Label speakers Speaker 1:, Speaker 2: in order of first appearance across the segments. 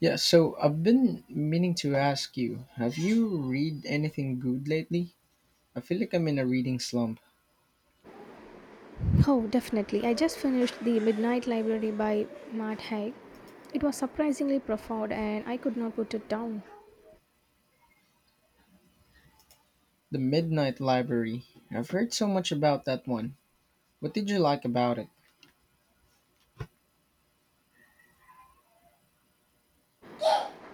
Speaker 1: Yeah, so I've been meaning to ask you, have you read anything good lately? I feel like I'm in a reading slump.
Speaker 2: Oh, definitely. I just finished The Midnight Library by Matt Haig. It was surprisingly profound and I could not put it down.
Speaker 1: The Midnight Library. I've heard so much about that one. What did you like about it?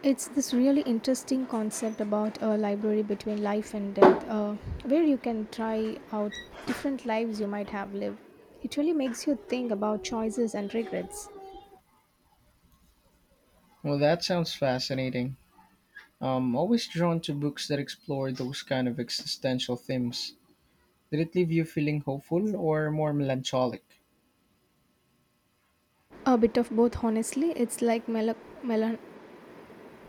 Speaker 2: It's this really interesting concept about a library between life and death, where you can try out different lives you might have lived. It really makes you think about choices and regrets.
Speaker 1: Well, that sounds fascinating. I'm always drawn to books that explore those kind of existential themes. Did it leave you feeling hopeful or more melancholic?
Speaker 2: A bit of both, honestly. It's like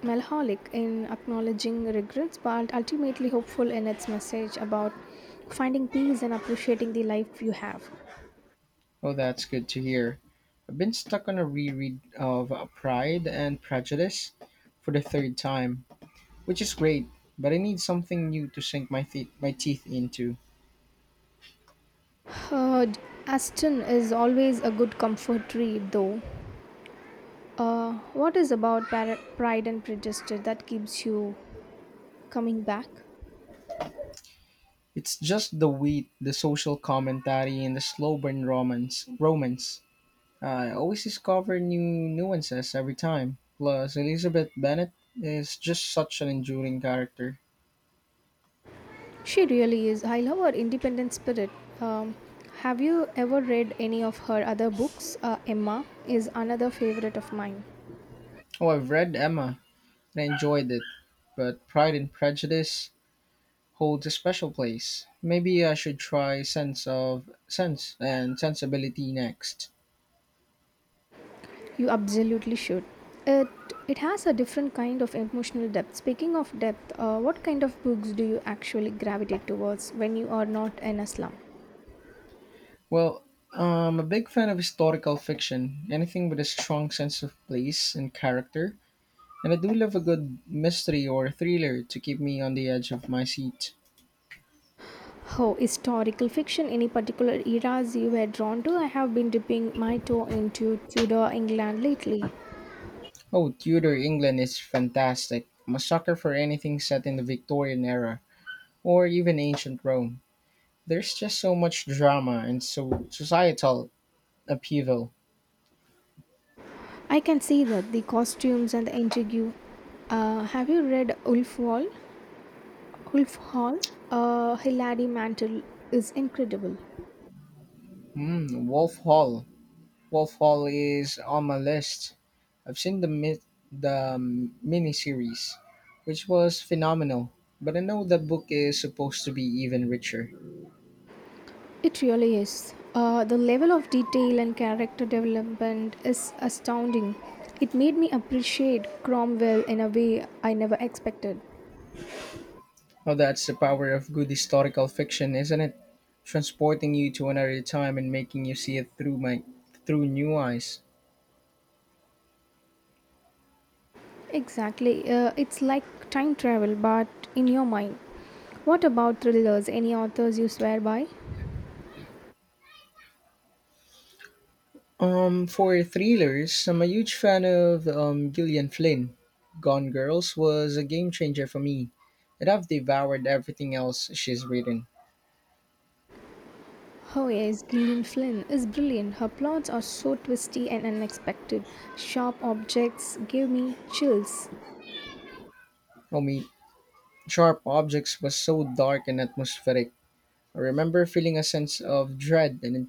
Speaker 2: melancholic in acknowledging regrets, but ultimately hopeful in its message about finding peace and appreciating the life you have.
Speaker 1: Oh, that's good to hear. I've been stuck on a reread of Pride and Prejudice for the third time, which is great, but I need something new to sink my teeth into.
Speaker 2: Uh, Aston is always a good comfort read, though. What is about Pride and Prejudice that keeps you coming back?
Speaker 1: It's just the wheat, the social commentary, and the slow burn romance. I always discover new nuances every time. Plus, Elizabeth Bennet is just such an enduring character.
Speaker 2: She really is. I love her independent spirit. Um, have you ever read any of her other books? Emma is another favorite of mine.
Speaker 1: Oh, I've read Emma and I enjoyed it, but Pride and Prejudice holds a special place. Maybe I should try Sense of Sense and Sensibility next.
Speaker 2: You absolutely should. It has a different kind of emotional depth. Speaking of depth, what kind of books do you actually gravitate towards when you are not in a slum?
Speaker 1: Well, I'm a big fan of historical fiction, anything with a strong sense of place and character, and I do love a good mystery or thriller to keep me on the edge of my seat.
Speaker 2: Oh, historical fiction, any particular eras you were drawn to? I have been dipping my toe into Tudor England lately.
Speaker 1: Oh, Tudor England is fantastic. I'm a sucker for anything set in the Victorian era or even ancient Rome. There's just so much drama and so societal upheaval.
Speaker 2: I can see that the costumes and the intrigue. Have you read Ulf Wall? Ulf Hall? Hilary Mantel is incredible.
Speaker 1: Hmm, Wolf Hall. Wolf Hall is on my list. I've seen the miniseries, which was phenomenal. But I know the book is supposed to be even richer.
Speaker 2: It really is. The level of detail and character development is astounding. It made me appreciate Cromwell in a way I never expected.
Speaker 1: Well, that's the power of good historical fiction, isn't it? Transporting you to another time and making you see it through new eyes.
Speaker 2: Exactly. It's like time travel, but in your mind. What about thrillers? Any authors you swear by?
Speaker 1: For thrillers, I'm a huge fan of Gillian Flynn. Gone Girls was a game changer for me, and I've devoured everything else she's written.
Speaker 2: Oh, yes, Gillian Flynn is brilliant. Her plots are so twisty and unexpected. Sharp objects gave me chills.
Speaker 1: I mean, Sharp Objects was so dark and atmospheric. I remember feeling a sense of dread the,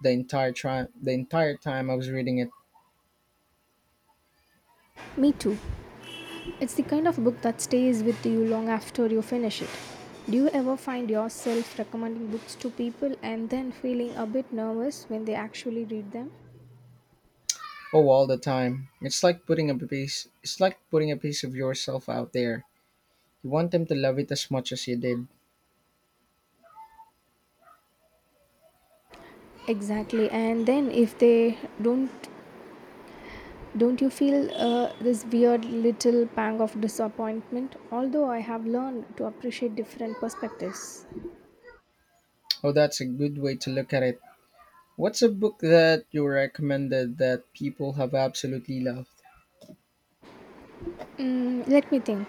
Speaker 1: the the entire time I was reading it.
Speaker 2: Me too. It's the kind of book that stays with you long after you finish it. Do you ever find yourself recommending books to people and then feeling a bit nervous when they actually read them?
Speaker 1: Oh, all the time. It's like putting a piece of yourself out there. You want them to love it as much as you did.
Speaker 2: Exactly. And then if they don't don't you feel this weird little pang of disappointment? Although I have learned to appreciate different perspectives.
Speaker 1: Oh, that's a good way to look at it. What's a book that you recommended that people have absolutely loved?
Speaker 2: Mm, let me think.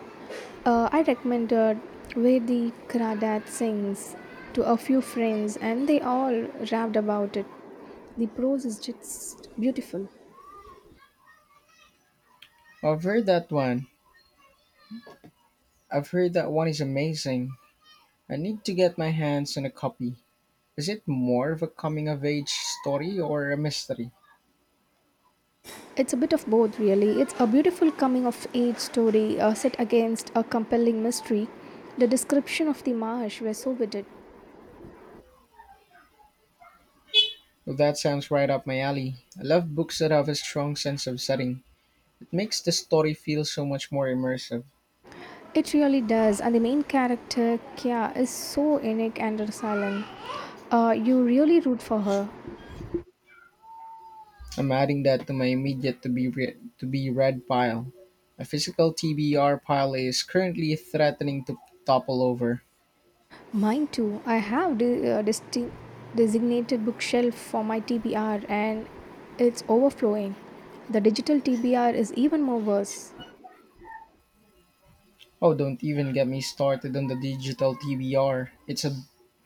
Speaker 2: I recommended Where the Crawdad Sings to a few friends, and they all raved about it. The prose is just beautiful.
Speaker 1: I've heard that one. I've heard that one is amazing. I need to get my hands on a copy. Is it more of a coming of age story or a mystery?
Speaker 2: It's a bit of both, really. It's a beautiful coming of age story set against a compelling mystery. The description of the marsh were so vivid.
Speaker 1: Well, that sounds right up my alley. I love books that have a strong sense of setting. It makes the story feel so much more immersive.
Speaker 2: It really does, and the main character, Kya, is so unique and resilient. You really root for her.
Speaker 1: I'm adding that to my immediate to be read pile. My physical TBR pile is currently threatening to topple over.
Speaker 2: Mine too. I have distinct designated bookshelf for my TBR and it's overflowing. The digital TBR is even more worse.
Speaker 1: Oh, don't even get me started on the digital TBR. It's a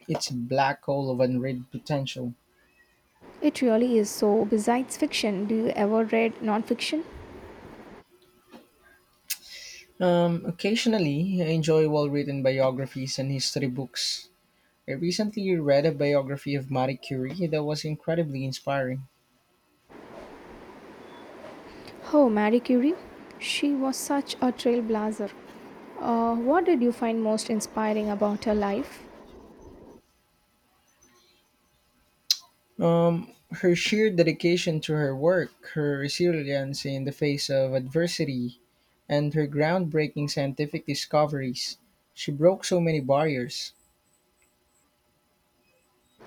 Speaker 1: it's a black hole of unread potential.
Speaker 2: It really is. So, besides fiction, do you ever read nonfiction?
Speaker 1: Occasionally, I enjoy well-written biographies and history books. I recently read a biography of Marie Curie that was incredibly inspiring.
Speaker 2: Oh, Marie Curie. She was such a trailblazer. What did you find most inspiring about her life?
Speaker 1: Um, her sheer dedication to her work, her resilience in the face of adversity, and her groundbreaking scientific discoveries. She broke so many barriers.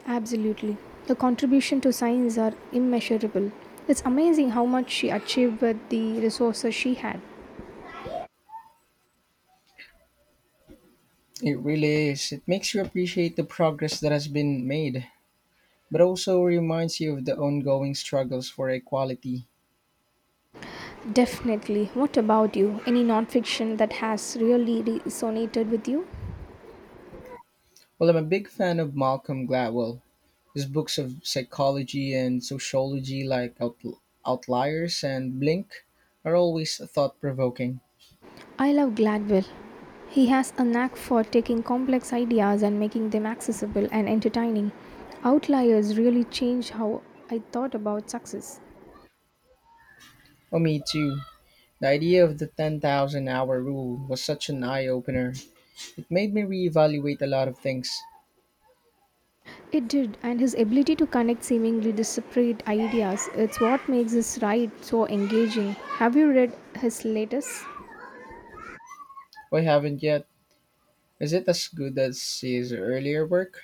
Speaker 2: Absolutely. The contribution to science are immeasurable. It's amazing how much she achieved with the resources she had.
Speaker 1: It really is. It makes you appreciate the progress that has been made, but also reminds you of the ongoing struggles for equality.
Speaker 2: Definitely. What about you? Any nonfiction that has really resonated with you?
Speaker 1: Well, I'm a big fan of Malcolm Gladwell. His books of psychology and sociology, like Outliers and Blink, are always thought provoking.
Speaker 2: I love Gladwell. He has a knack for taking complex ideas and making them accessible and entertaining. Outliers really changed how I thought about success.
Speaker 1: Oh, me too. The idea of the 10,000 hour rule was such an eye opener. It made me reevaluate a lot of things.
Speaker 2: It did, and his ability to connect seemingly disparate ideas its what makes his ride so engaging. Have you read his latest?
Speaker 1: I haven't yet. Is it as good as his earlier work?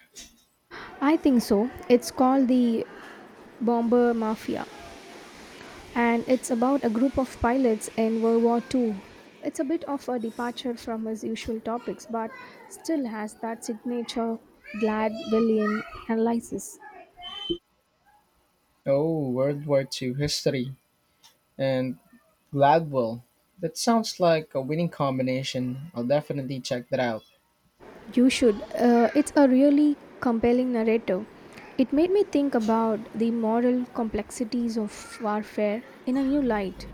Speaker 2: I think so. It's called The Bomber Mafia. And it's about a group of pilots in World War II. It's a bit of a departure from his usual topics, but still has that signature Gladwellian analysis.
Speaker 1: Oh, World War II history and Gladwell. That sounds like a winning combination. I'll definitely check that out.
Speaker 2: You should. It's a really compelling narrative. It made me think about the moral complexities of warfare in a new light.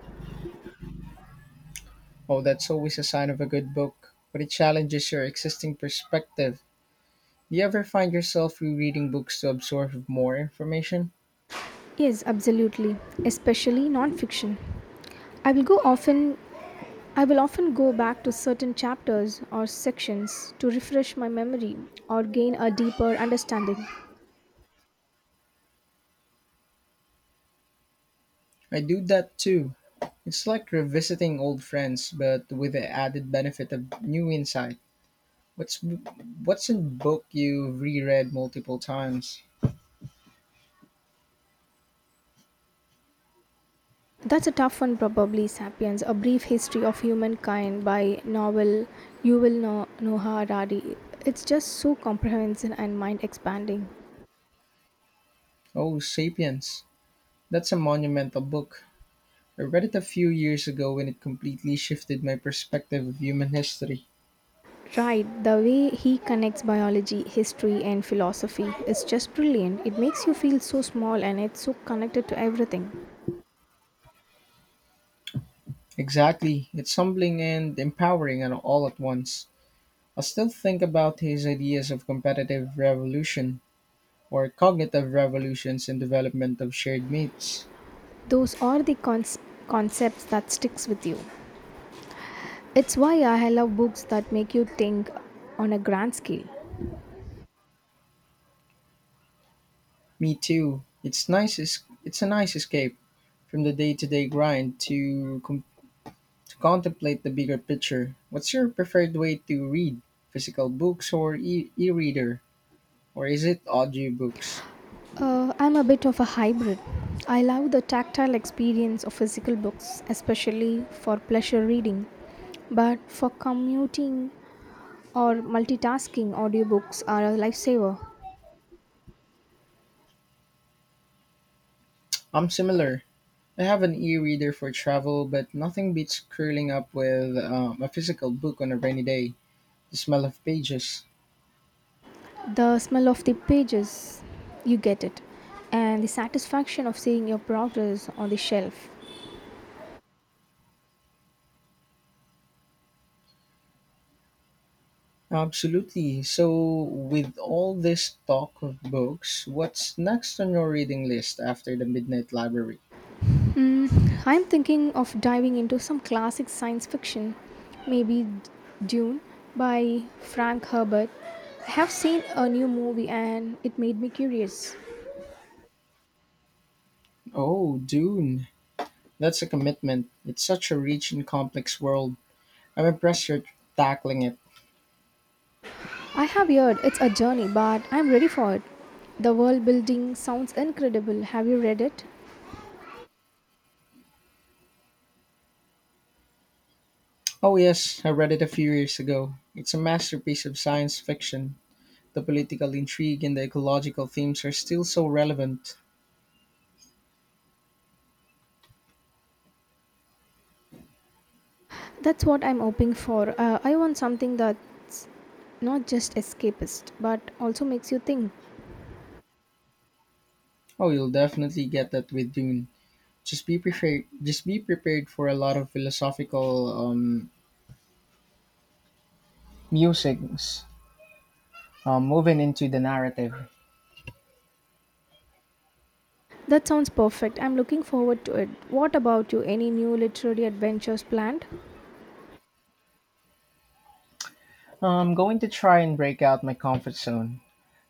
Speaker 1: Oh, that's always a sign of a good book, but it challenges your existing perspective. Do you ever find yourself rereading books to absorb more information?
Speaker 2: Yes, absolutely, especially non fiction. I will go often I will often go back to certain chapters or sections to refresh my memory or gain a deeper understanding.
Speaker 1: I do that too. It's like revisiting old friends, but with the added benefit of new insight. What's what's in book you reread multiple times?
Speaker 2: That's a tough one, probably Sapiens, a brief history of humankind by novel Yuval Noah Harari. It's just so comprehensive and mind expanding.
Speaker 1: Oh, *Sapiens*. That's a monumental book. I read it a few years ago, and it completely shifted my perspective of human history.
Speaker 2: Right, the way he connects biology, history, and philosophy is just brilliant. It makes you feel so small and it's so connected to everything.
Speaker 1: Exactly. It's humbling and empowering and all at once. I still think about his ideas of competitive revolution or cognitive revolutions and development of shared myths.
Speaker 2: Those are the concepts that sticks with you. It's why I love books that make you think on a grand scale.
Speaker 1: Me too. It's a nice escape from the day-to-day grind to contemplate the bigger picture. What's your preferred way to read? Physical books or e-reader, or is it audiobooks?
Speaker 2: I'm a bit of a hybrid. I love the tactile experience of physical books, especially for pleasure reading. But for commuting or multitasking, audiobooks are a lifesaver.
Speaker 1: I'm similar. I have an e-reader for travel, but nothing beats curling up with a physical book on a rainy day. The smell of pages.
Speaker 2: The smell of the pages, you get it, and the satisfaction of seeing your progress on the shelf.
Speaker 1: Absolutely. So, with all this talk of books, what's next on your reading list after the Midnight Library?
Speaker 2: I'm thinking of diving into some classic science fiction, maybe Dune by Frank Herbert. I have seen a new movie and it made me curious.
Speaker 1: Oh, Dune. That's a commitment. It's such a rich and complex world. I'm impressed you're tackling it.
Speaker 2: I have heard it's a journey, but I'm ready for it. The world building sounds incredible. Have you read it?
Speaker 1: Oh, yes, I read it a few years ago. It's a masterpiece of science fiction. The political intrigue and the ecological themes are still so relevant.
Speaker 2: That's what I'm hoping for. I want something that's not just escapist, but also makes you think.
Speaker 1: Oh, you'll definitely get that with Dune. Just be prepared for a lot of philosophical musings, moving into the narrative.
Speaker 2: That sounds perfect. I'm looking forward to it. What about you? Any new literary adventures planned?
Speaker 1: I'm going to try and break out my comfort zone.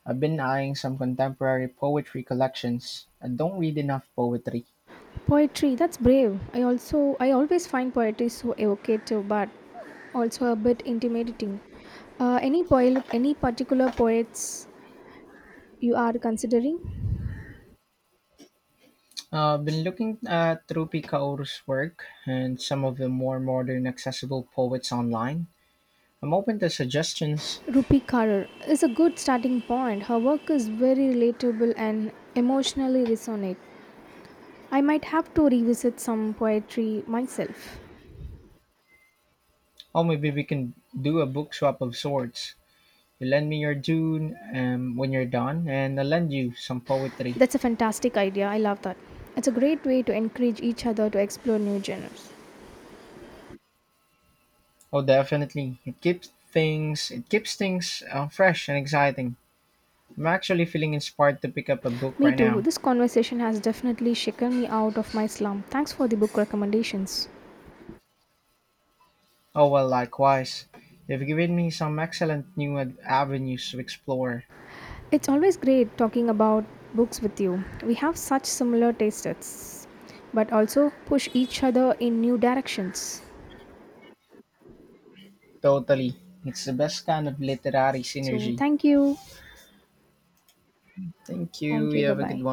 Speaker 1: I've been eyeing some contemporary poetry collections. I don't read enough poetry.
Speaker 2: Poetry, that's brave. I always find poetry so evocative but also a bit intimidating. Uh, any particular poets you are considering?
Speaker 1: I've been looking at Rupi Kaur's work and some of the more modern accessible poets online. I'm open to suggestions.
Speaker 2: Rupi Karar is a good starting point. Her work is very relatable and emotionally resonate. I might have to revisit some poetry myself.
Speaker 1: Oh, maybe we can do a book swap of sorts. You lend me your Dune when you're done, and I'll lend you some poetry.
Speaker 2: That's a fantastic idea. I love that. It's a great way to encourage each other to explore new genres.
Speaker 1: Oh, definitely. It keeps things fresh and exciting. I'm actually feeling inspired to pick up a book
Speaker 2: Me
Speaker 1: right
Speaker 2: too.
Speaker 1: now.
Speaker 2: This conversation has definitely shaken me out of my slump. Thanks for the book recommendations.
Speaker 1: Oh well, likewise. You've given me some excellent avenues to explore.
Speaker 2: It's always great talking about books with you. We have such similar tastes, but also push each other in new directions.
Speaker 1: Totally. It's the best kind of literary
Speaker 2: So,
Speaker 1: synergy.
Speaker 2: thank you.
Speaker 1: Thank you.
Speaker 2: Thank you.
Speaker 1: You
Speaker 2: Bye
Speaker 1: have a good
Speaker 2: bye.